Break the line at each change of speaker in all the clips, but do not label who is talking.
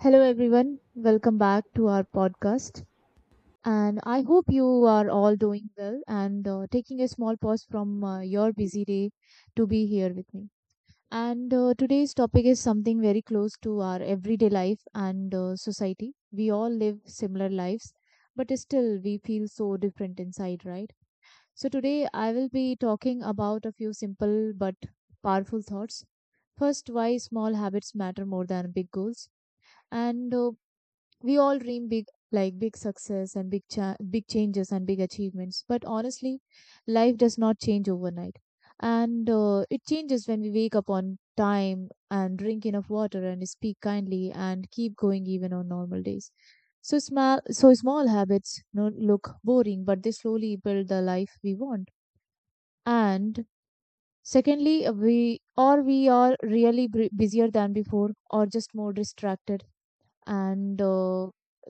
Hello, everyone. Welcome back to our podcast. And I hope you are all doing well and taking a small pause from your busy day to be here with me. And today's topic is something very close to our everyday life and society. We all live similar lives, but still we feel so different inside, right? So today I will be talking about a few simple but powerful thoughts. First, why small habits matter more than big goals. And we all dream big, like big success and big changes and big achievements. But honestly, life does not change overnight, and it changes when we wake up on time and drink enough water and speak kindly and keep going even on normal days. So small habits no look boring, but they slowly build the life we want. And secondly, we are really busier than before or just more distracted. And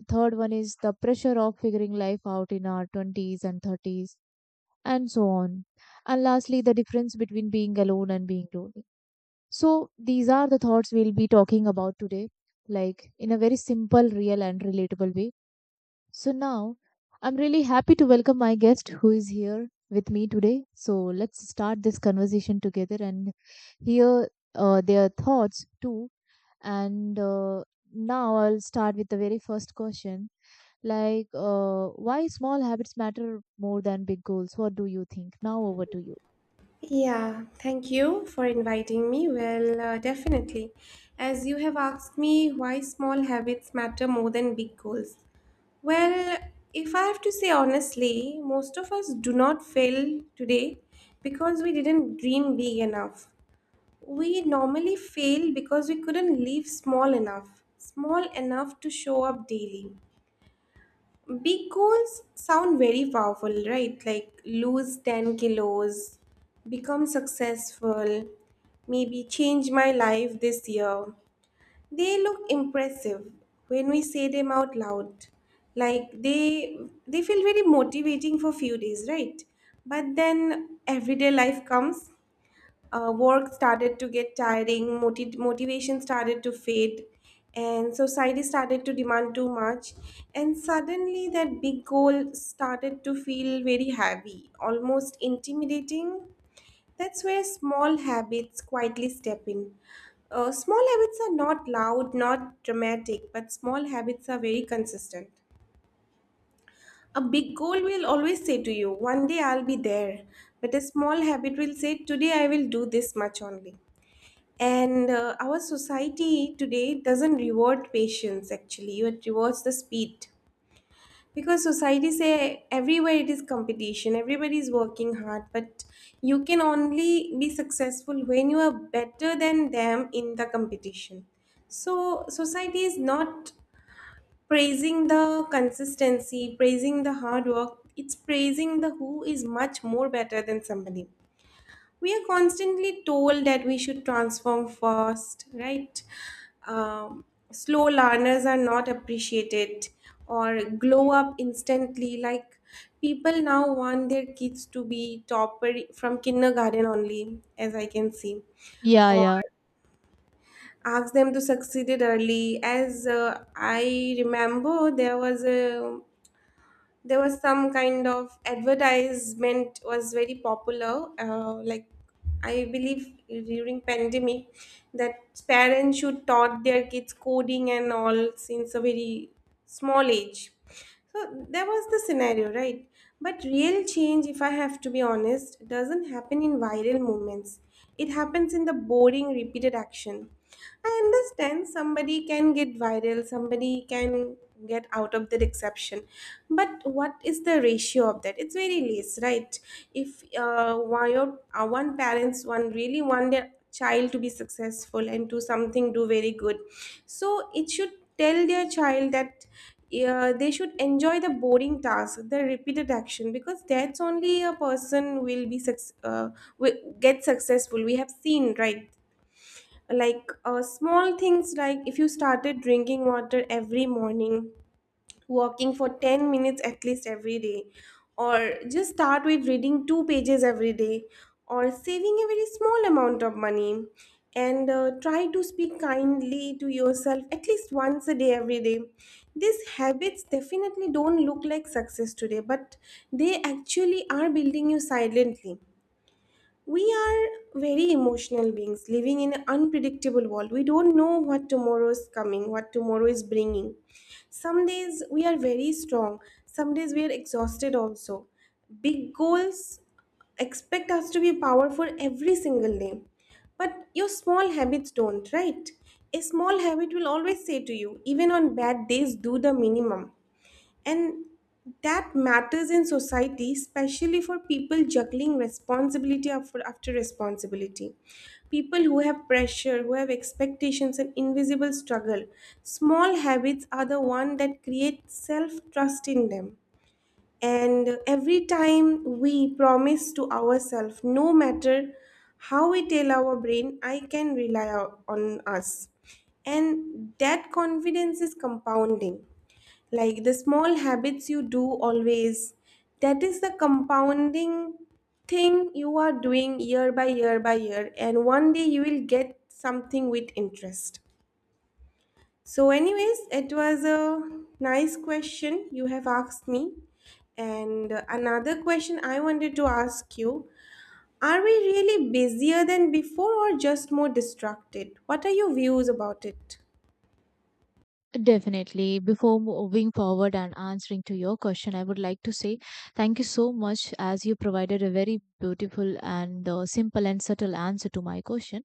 third one is the pressure of figuring life out in our 20s and 30s and so on. And lastly, the difference between being alone and being lonely. So these are the thoughts we'll be talking about today, like in a very simple, real and relatable way. So now, I'm really happy to welcome my guest who is here with me today, so let's start this conversation together and hear their thoughts too. And now I'll start with the very first question. Like, why small habits matter more than big goals? What do you think? Now, over to you.
Yeah, thank you for inviting me. Well, definitely. As you have asked me why small habits matter more than big goals. Well, if I have to say honestly, most of us do not fail today because we didn't dream big enough. We normally fail because we couldn't live small enough to show up daily. Big goals sound very powerful, right? Like lose 10 kilos, become successful, maybe change my life this year. They look impressive when we say them out loud. Like they feel very motivating for few days, right? But then everyday life comes, work started to get tiring, motivation started to fade, and society started to demand too much. And suddenly, that big goal started to feel very heavy, almost intimidating. That's where small habits quietly step in. Small habits are not loud, not dramatic, but small habits are very consistent. A big goal will always say to you, one day I'll be there. But a small habit will say, today I will do this much only. And our society today doesn't reward patience actually, it rewards the speed. Because society say everywhere it is competition, everybody is working hard, but you can only be successful when you are better than them in the competition. So society is not praising the consistency, praising the hard work, it's praising the who is much more better than somebody. We are constantly told that we should transform first, right? Um, Slow learners are not appreciated or glow up instantly. Like people now want their kids to be topper from kindergarten only, as I can see,
Yeah,
or
yeah,
ask them to succeed it early. As I remember, there was a there was some kind of advertisement was very popular, like I believe during pandemic that parents should taught their kids coding and all since a very small age. So there was the scenario, right? But real change, if I have to be honest, doesn't happen in viral moments. It happens in the boring repeated action. I understand somebody can get viral, somebody can get out of that exception, but what is the ratio of that? It's very less, right? If one, your, one parents one really want their child to be successful and do something, do very good, so it should tell their child that. Yeah, they should enjoy the boring task, the repeated action, because that's only a person will be will get successful. We have seen, right? Like small things like if you started drinking water every morning, walking for 10 minutes at least every day, or just start with reading 2 pages every day, or saving a very small amount of money, and try to speak kindly to yourself at least once a day every day. These habits definitely don't look like success today, but they actually are building you silently. We are very emotional beings living in an unpredictable world. We don't know what tomorrow is coming, what tomorrow is bringing. Some days we are very strong, some days we are exhausted also. Big goals expect us to be powerful every single day. But your small habits don't, right? A small habit will always say to you, even on bad days, do the minimum. And that matters in society, especially for people juggling responsibility after, responsibility. People who have pressure, who have expectations and invisible struggle. Small habits are the one that create self-trust in them. And every time we promise to ourselves, no matter how we tell our brain, I can rely on us. And that confidence is compounding, like the small habits you do always, that is the compounding thing you are doing year by year by year, and one day you will get something with interest. So anyways, it was a nice question you have asked me. And another question I wanted to ask you, are we really busier than before or just more distracted? What are your views about it?
definitely. Before moving forward and answering to your question, I would like to say thank you so much as you provided a very beautiful and simple and subtle answer to my question.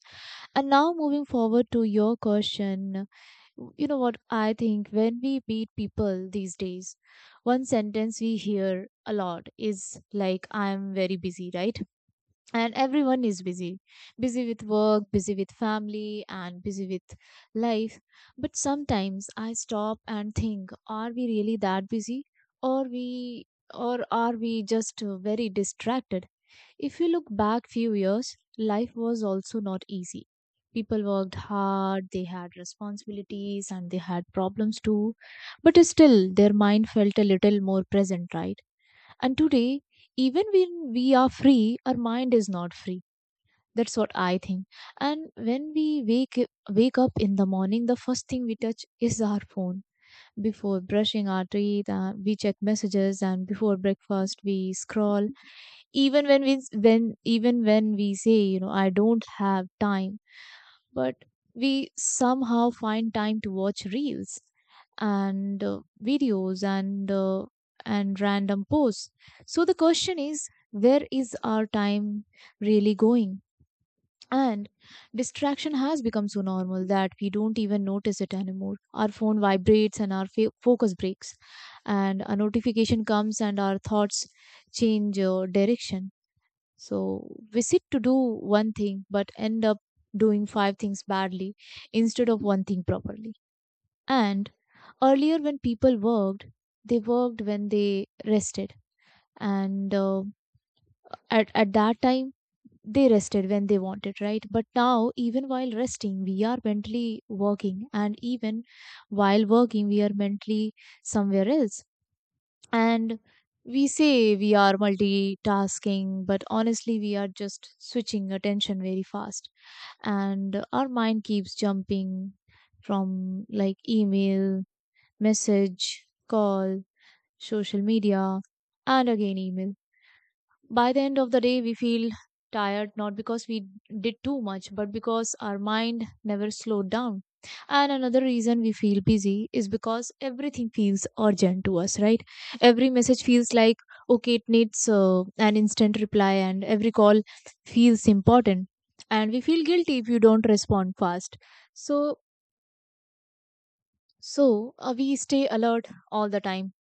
And now, moving forward to your question, you know what? I think when we meet people these days, one sentence we hear a lot is like, I'm very busy, right? And everyone is busy with work, busy with family, and busy with life. But sometimes I stop and think, are we really that busy? Or we or are we just very distracted? If you look back few years, life was also not easy. People worked hard, they had responsibilities and they had problems too, but still their mind felt a little more present, right? And today, even when we are free, our mind is not free. That's what I think. And when we wake up in the morning, the first thing we touch is our phone. Before brushing our teeth, we check messages, and before breakfast, we scroll. Even when we say you know, I don't have time, but we somehow find time to watch reels and videos and random posts. So the question is, where is our time really going? And distraction has become so normal that we don't even notice it anymore. Our phone vibrates and our focus breaks, and a notification comes and our thoughts change direction. So we sit to do one thing but end up doing five things badly instead of one thing properly. And earlier, when people worked, they worked when they rested. And at that time, they rested when they wanted, right? But now, even while resting, we are mentally working, and even while working, we are mentally somewhere else. And we say we are multitasking, but honestly, we are just switching attention very fast. And our mind keeps jumping from, like, email, message, call, social media, and again email. By the end of the day, we feel tired, not because we did too much, but because our mind never slowed down. And another reason we feel busy is because everything feels urgent to us, right? Every message feels like, okay, it needs an instant reply, and every call feels important. And we feel guilty if you don't respond fast. So, so we stay alert all the time,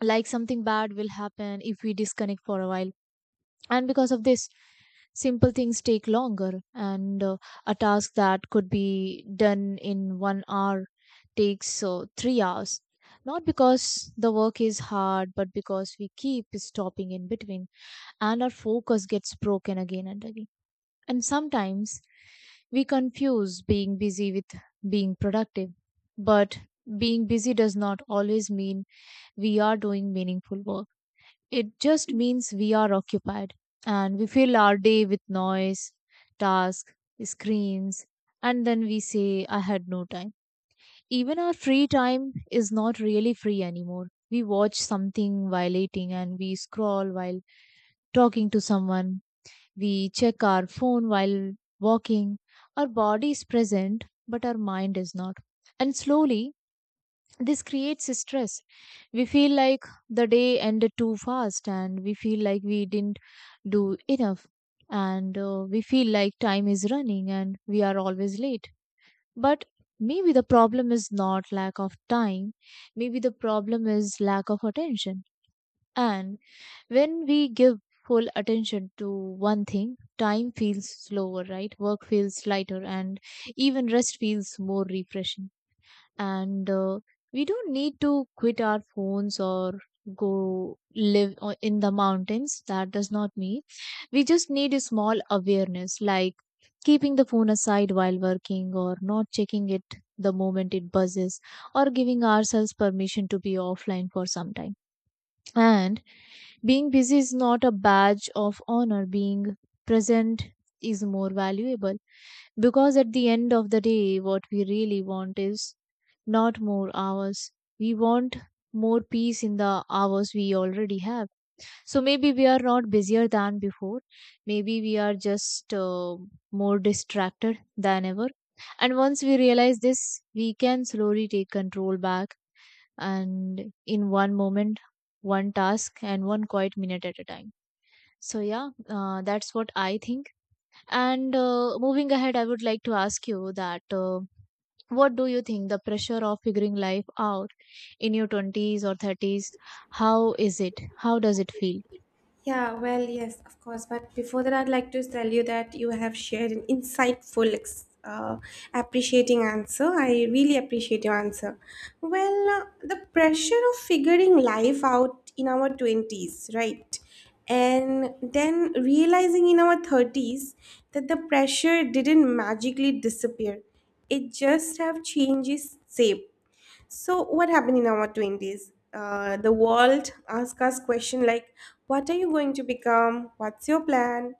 like something bad will happen if we disconnect for a while. And because of this, simple things take longer, and a task that could be done in 1 hour takes 3 hours. Not because the work is hard, but because we keep stopping in between and our focus gets broken again and again. And sometimes we confuse being busy with being productive, but being busy does not always mean we are doing meaningful work. It just means we are occupied, and we fill our day with noise, tasks, screens, and then we say, I had no time. Even our free time is not really free anymore. We watch something while eating and we scroll while talking to someone. We check our phone while walking. Our body is present, but our mind is not. And slowly, this creates a stress. We feel like the day ended too fast and we feel like we didn't do enough, and we feel like time is running and we are always late. But maybe the problem is not lack of time. Maybe the problem is lack of attention. And when we give full attention to one thing, time feels slower, right? Work feels lighter, and even rest feels more refreshing. And we don't need to quit our phones or go live in the mountains. That does not mean. We just need a small awareness, like keeping the phone aside while working or not checking it the moment it buzzes, or giving ourselves permission to be offline for some time. And being busy is not a badge of honor. Being present is more valuable, because at the end of the day, what we really want is not more hours. We want more peace in the hours we already have. So maybe we are not busier than before. Maybe we are just more distracted than ever. And once we realize this, we can slowly take control back, and in one moment, one task and one quiet minute at a time. So yeah, that's what I think. And moving ahead, I would like to ask you that what do you think the pressure of figuring life out in your 20s or 30s? How is it? How does it feel?
Yeah, well, yes, of course. But before that, I'd like to tell you that you have shared an insightful, appreciating answer. I really appreciate your answer. Well, the pressure of figuring life out in our 20s, right? And then realizing in our 30s that the pressure didn't magically disappear, it just have changes shape. So what happened in our 20s? The world asks us question like, what are you going to become? What's your plan?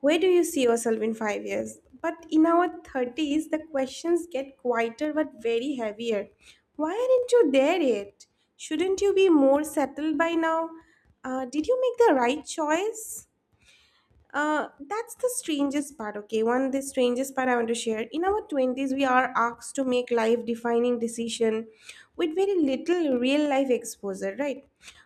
Where do you see yourself in five years? But in our 30s, the questions get quieter but very heavier. Why aren't you there yet? Shouldn't you be more settled by now? Did you make the right choice? That's the strangest part, okay? One, the strangest part I want to share. In our 20s, we are asked to make life-defining decision with very little real-life exposure, right?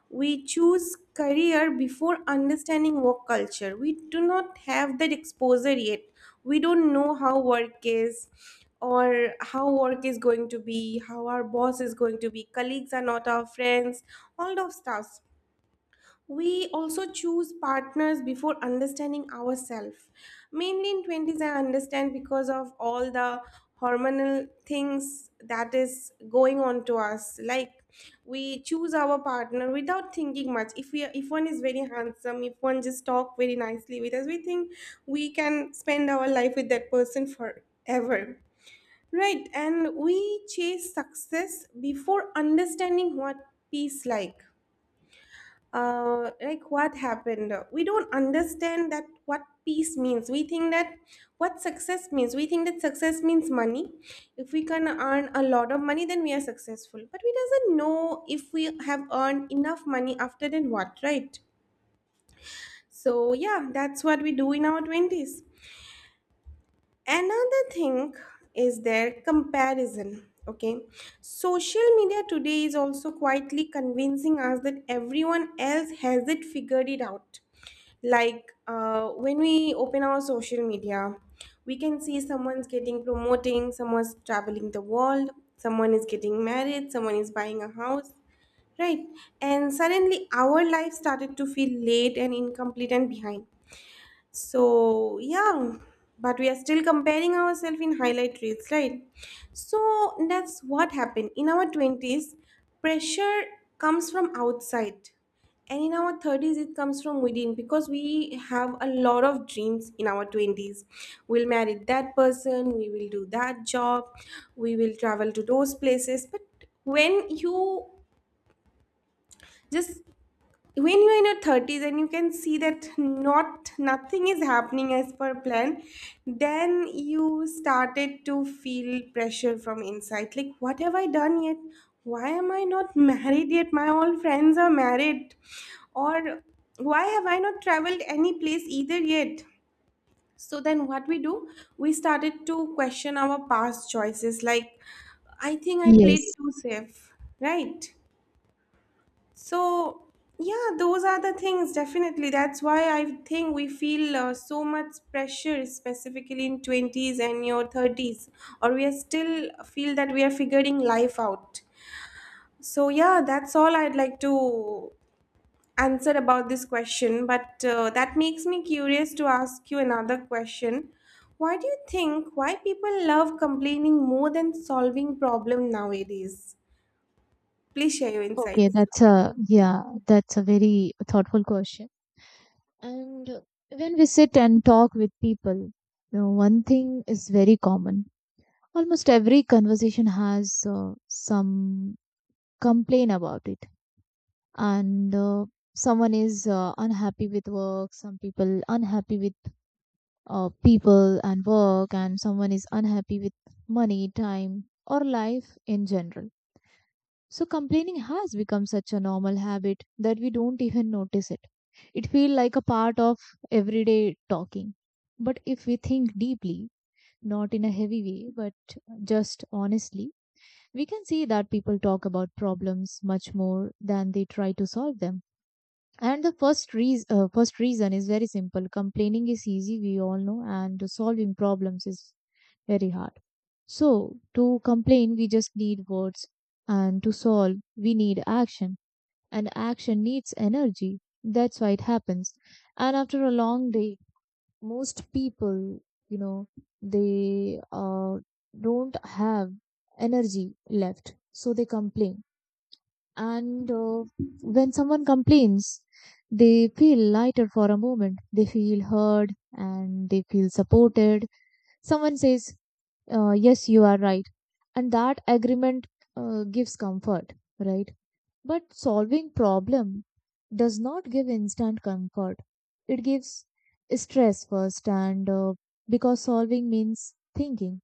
We choose career before understanding work culture. We do not have that exposure yet. We don't know how work is or how work is going to be, how our boss is going to be. Colleagues are not our friends, all those stuff. We also choose partners before understanding ourselves. Mainly in 20s, I understand because of all the hormonal things that is going on to us. Like we choose our partner without thinking much. If one is very handsome, if one just talk very nicely with us, we think we can spend our life with that person forever. Right, and we chase success before understanding what peace like, like what happened, we don't understand that what peace means. We think that what success means, we think that success means money. If we can earn a lot of money, then we are successful, but we doesn't know if we have earned enough money after then what, right? So yeah, that's what we do in our 20s. Another thing is their comparison, okay? Social media today is also quietly convincing us that everyone else has it figured it out. Like when we open our social media, we can see someone's getting promoting, someone's traveling the world, someone is getting married, someone is buying a house, right? And suddenly our life started to feel late and incomplete and behind. So, yeah, but we are still comparing ourselves in highlight reels, right? So, that's what happened. In our 20s, pressure comes from outside, and in our 30s, it comes from within because we have a lot of dreams in our 20s. We'll marry that person, we will do that job, we will travel to those places. But when you just when you're in your 30s and you can see that nothing is happening as per plan, then you started to feel pressure from inside like what have I done yet? Why am I not married yet? My all friends are married. Or why have I not traveled any place either yet? So then what we do, we started to question our past choices, like I think I played
Yes.
too safe. Right, so, yeah, those are the things definitely. That's why I think we feel so much pressure, specifically in 20s and your 30s, or we are still feel that we are figuring life out. So, yeah, that's all I'd like to answer about this question. But that makes me curious to ask you another question. Why do you think why people love complaining more than solving problem nowadays? Please share your
Okay,
insights.
that's a yeah, that's a very thoughtful question. And when we sit and talk with people, one thing is very common. Almost every conversation has some complaint about it, and someone is unhappy with work. Some people unhappy with people and work, and someone is unhappy with money, time, or life in general. So complaining has become such a normal habit that we don't even notice it. It feels like a part of everyday talking. But if we think deeply, not in a heavy way, but just honestly, we can see that people talk about problems much more than they try to solve them. And the first reason is very simple. Complaining is easy, we all know, and solving problems is very hard. So to complain, we just need words, and to solve, we need action, and action needs energy. That's why it happens. And after a long day, most people, you know, they don't have energy left, so they complain. And when someone complains, they feel lighter for a moment. They feel heard and they feel supported. Someone says, yes, you are right. And that agreement gives comfort, right? But solving problem does not give instant comfort. It gives stress first, and because solving means thinking,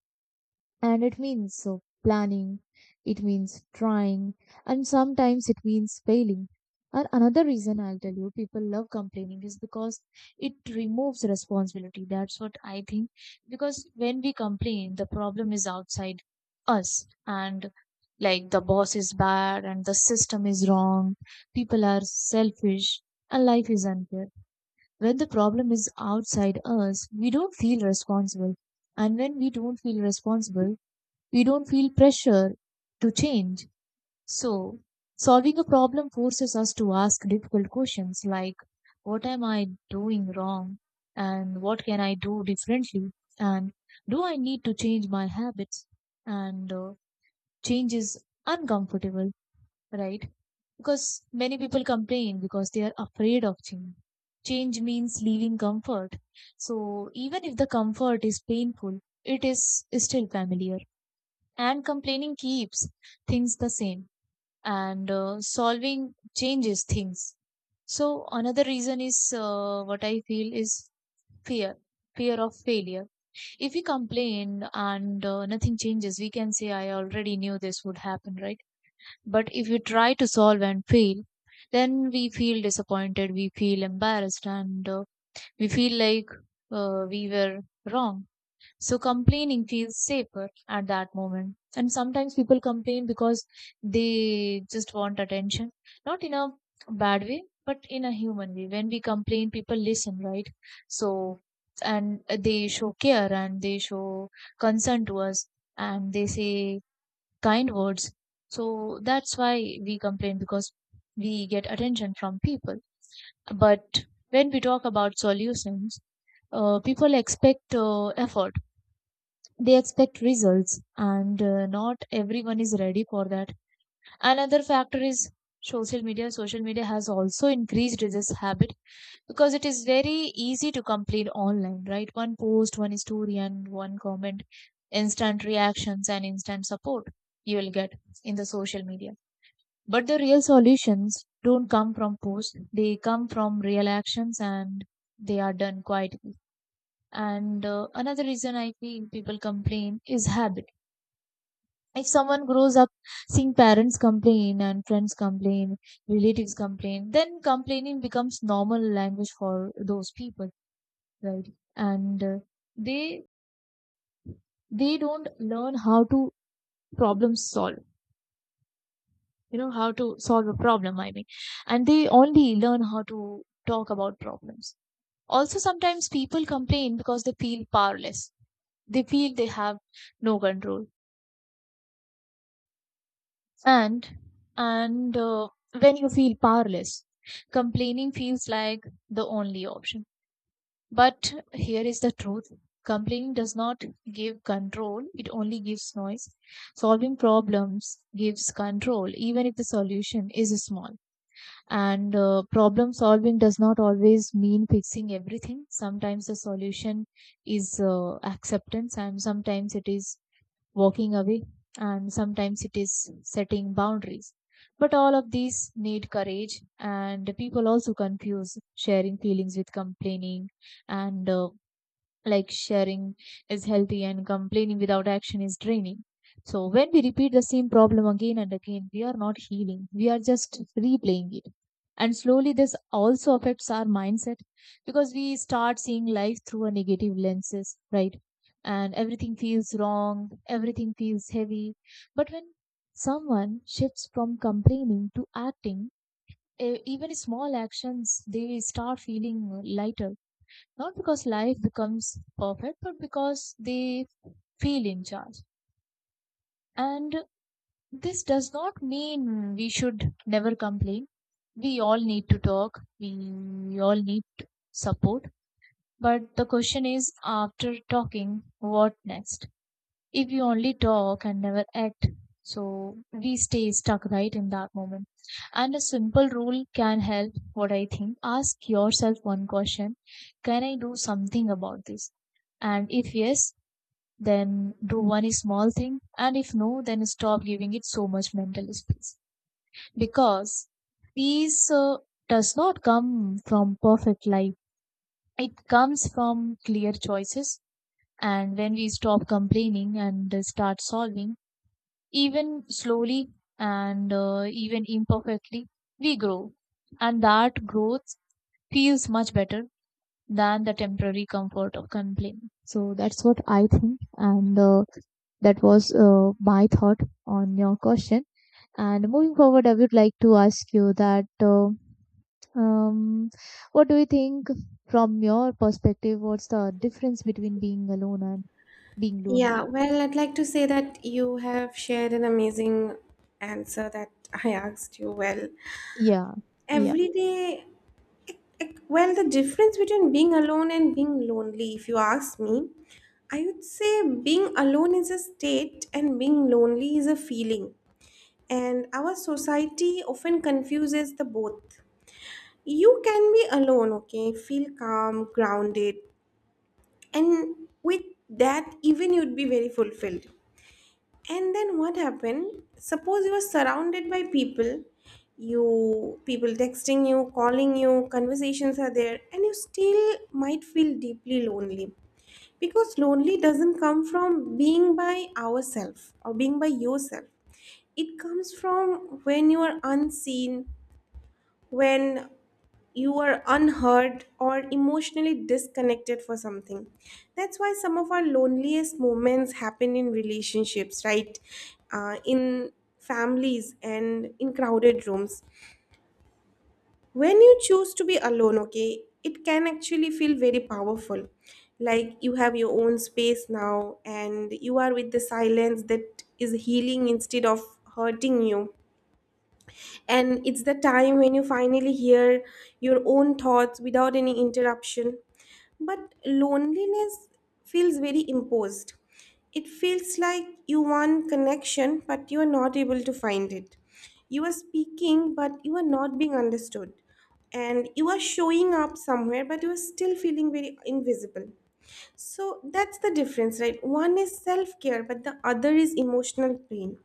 and it means so planning, it means trying, and sometimes it means failing. And another reason I'll tell you people love complaining is because it removes responsibility. That's what I think. Because when we complain, the problem is outside us, and, like, the boss is bad and the system is wrong, people are selfish and life is unfair. When the problem is outside us, we don't feel responsible, and when we don't feel responsible, we don't feel pressure to change. So, solving a problem forces us to ask difficult questions, like, what am I doing wrong? And what can I do differently? And do I need to change my habits? And change is uncomfortable, right? Because many people complain because they are afraid of change. Change means leaving comfort. So even if the comfort is painful, it is still familiar, and complaining keeps things the same, and solving changes things. So another reason is what I feel is fear fear of failure. If we complain and nothing changes, we can say, I already knew this would happen, right? But if you try to solve and fail, then we feel disappointed, we feel embarrassed, and we feel like we were wrong. So complaining feels safer at that moment. And sometimes people complain because they just want attention. Not in a bad way, but in a human way. When we complain, people listen, right? So, and they show care and they show concern to us and they say kind words. So that's why we complain, because we get attention from people. But when we talk about solutions, people expect effort, they expect results, and not everyone is ready for that. Another factor is social media. Social media has also increased this habit, because it is very easy to complain online, right? One post, one story, and one comment, instant reactions and instant support you will get in the social media. But the real solutions don't come from posts, they come from real actions, and they are done quietly. And another reason I feel people complain is habit. If someone grows up seeing parents complain and friends complain, relatives complain, then complaining becomes normal language for those people, right? And they they don't learn how to problem solve, you know, how to solve a problem. I mean, and they only learn how to talk about problems. Also, sometimes people complain because they feel powerless. They feel they have no control, and and when you feel powerless, complaining feels like the only option. But here is the truth: complaining does not give control, it only gives noise. Solving problems gives control, even if the solution is small. And problem solving does not always mean fixing everything. Sometimes the solution is acceptance, and sometimes it is walking away, and sometimes it is setting boundaries. But all of these need courage. And people also confuse sharing feelings with complaining, and like, sharing is healthy, and complaining without action is draining. So, when we repeat the same problem again and again, we are not healing, we are just replaying it. And slowly, this also affects our mindset, because we start seeing life through a negative lenses, right? And everything feels wrong, everything feels heavy. But when someone shifts from complaining to acting, even small actions, they start feeling lighter. Not because life becomes perfect, but because they feel in charge. And this does not mean we should never complain. We all need to talk, we all need support. But the question is, after talking, what next? If you only talk and never act, so we stay stuck, right, in that moment. And a simple rule can help, what I think: ask yourself one question, can I do something about this? And if yes, then do one small thing. And if no, then stop giving it so much mental space. Because peace does not come from perfect life. It comes from clear choices. And when we stop complaining and start solving, even slowly and even imperfectly, we grow. And that growth feels much better than the temporary comfort of complaining. So that's what I think. And that was my thought on your question. And moving forward, I would like to ask you that. Um, what do you think, from your perspective? What's the difference between being alone and being lonely?
Yeah, well, I'd like to say that you have shared an amazing answer that I asked you. Well,
Yeah, yeah,
every day, like, well, the difference between being alone and being lonely, if you ask me, I would say being alone is a state and being lonely is a feeling. And our society often confuses the both. You can be alone, okay, feel calm, grounded, and with that, even you'd be very fulfilled. And then what happened, suppose you are surrounded by people, you people texting you, calling you, conversations are there, and you still might feel deeply lonely, because lonely doesn't come from being by ourselves or being by yourself. It comes from when you are unseen, when you are unheard or emotionally disconnected for something. That's why some of our loneliest moments happen in relationships, right? In families and in crowded rooms. When you choose to be alone, okay, it can actually feel very powerful, like you have your own space now and you are with the silence that is healing instead of hurting you. And it's the time when you finally hear your own thoughts without any interruption. But loneliness feels very imposed. It feels like you want connection but you are not able to find it, you are speaking but you are not being understood, and you are showing up somewhere but you are still feeling very invisible. So that's the difference, right? One is self care, but the other is emotional pain.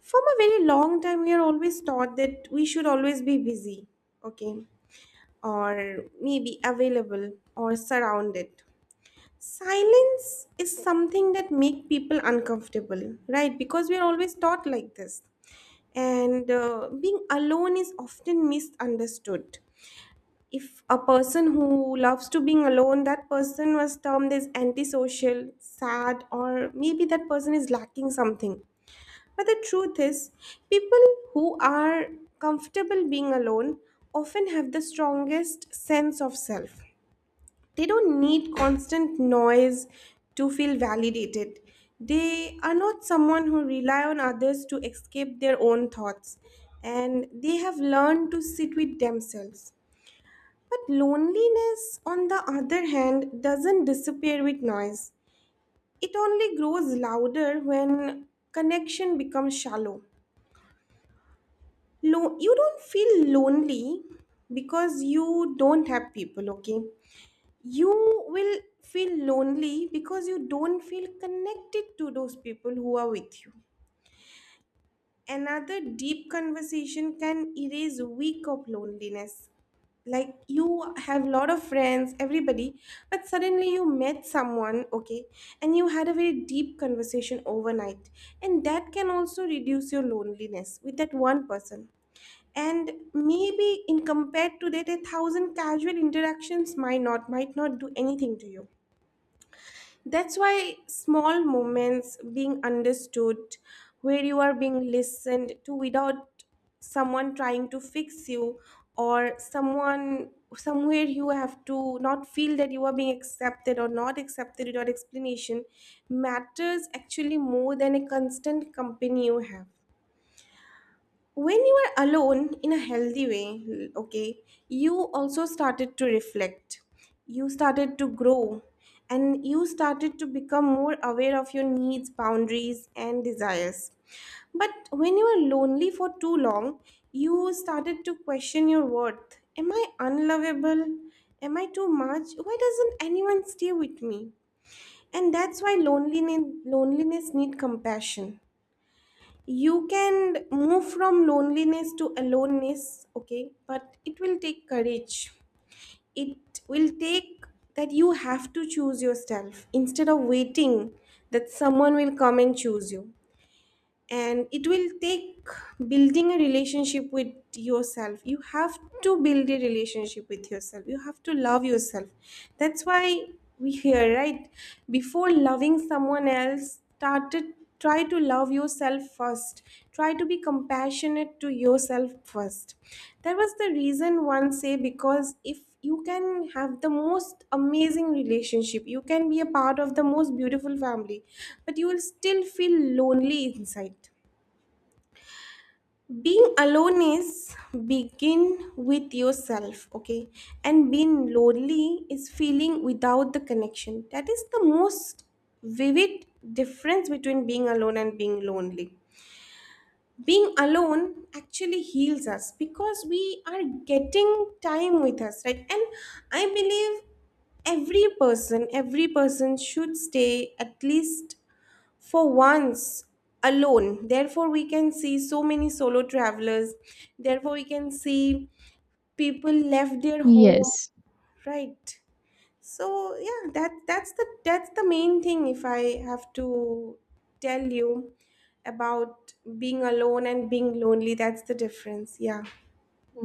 From a very long time, we are always taught that we should always be busy, okay, or maybe available or surrounded. Silence is something that make people uncomfortable, right? Because we are always taught like this, and being alone is often misunderstood. If a person who loves to being alone, that person was termed as antisocial, sad, or maybe that person is lacking something. But the truth is, people who are comfortable being alone often have the strongest sense of self. They don't need constant noise to feel validated. They are not someone who rely on others to escape their own thoughts, and they have learned to sit with themselves. But loneliness, on the other hand, doesn't disappear with noise. It only grows louder when connection becomes shallow. You don't feel lonely because you don't have people, okay? You will feel lonely because you don't feel connected to those people who are with you. Another deep conversation can erase a week of loneliness. Like, you have a lot of friends, everybody, but suddenly you met someone, okay, and you had a very deep conversation overnight, and that can also reduce your loneliness with that one person. And maybe in compared to that, a thousand casual interactions might not do anything to you. That's why small moments being understood, where you are being listened to without someone trying to fix you, or someone somewhere you have to not feel that you are being accepted or not accepted without explanation, matters actually more than a constant company you have. When you are alone in a healthy way, okay, you also started to reflect, you started to grow, and you started to become more aware of your needs, boundaries and desires. But when you were lonely for too long, you started to question your worth. Am I unlovable? Am I too much? Why doesn't anyone stay with me? And that's why loneliness need compassion. You can move from loneliness to aloneness, okay, but it will take courage. It will take that you have to choose yourself instead of waiting that someone will come and choose you. And it will take building a relationship with yourself. You have to build a relationship with yourself, you have to love yourself. That's why we hear, right, before loving someone else started, try to love yourself first, try to be compassionate to yourself first. That was the reason one say, because if you can have the most amazing relationship, you can be a part of the most beautiful family, but you will still feel lonely inside. Being alone is begin with yourself, okay, and being lonely is feeling without the connection. That is the most vivid difference between being alone and being lonely. Being alone actually heals us, because we are getting time with us, right? And I believe every person, every person should stay at least for once alone. Therefore we can see so many solo travelers, therefore we can see people left their home,
yes,
right? So yeah, that's the main thing. If I have to tell you about being alone and being lonely, that's the difference. Yeah.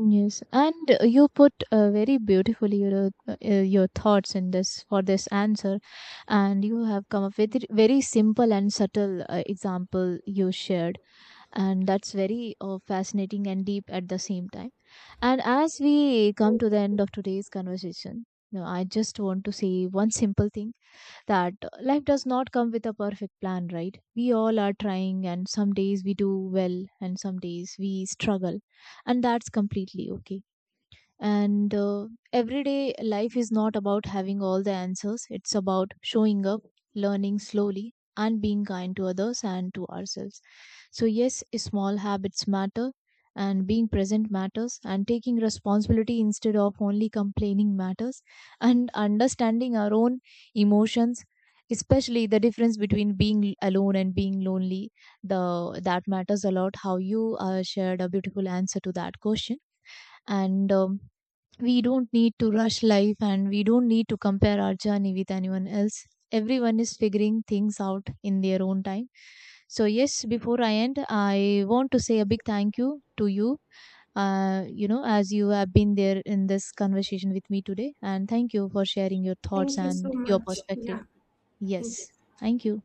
yes. And you put very beautifully your thoughts in this for this answer, and you have come up with it very simple and subtle example you shared. And that's very fascinating and deep at the same time. And as we come
Thank
to the
you.
end of today's conversation, you know, I just want to say one simple thing, that life does not come with a perfect plan, right? We all are trying, and some days we do well and some days we struggle, and that's completely okay. And everyday life is not about having all the answers, it's about showing up, learning slowly, and being kind to others and to ourselves. So yes, small habits matter, and being present matters, and taking responsibility instead of only complaining matters, and understanding our own emotions, especially the difference between being alone and being lonely, the that matters a lot. How you shared a beautiful answer to that question. And we don't need to rush life, and we don't need to compare our journey with anyone else. Everyone is figuring things out in their own time. So, yes, before I end, I want to say a big thank you to you, you know, as you have been there in this conversation with me today. And thank you for sharing your thoughts
Thank you so
and your
much.
perspective.
Yeah. Thank you.
Yes, thank you.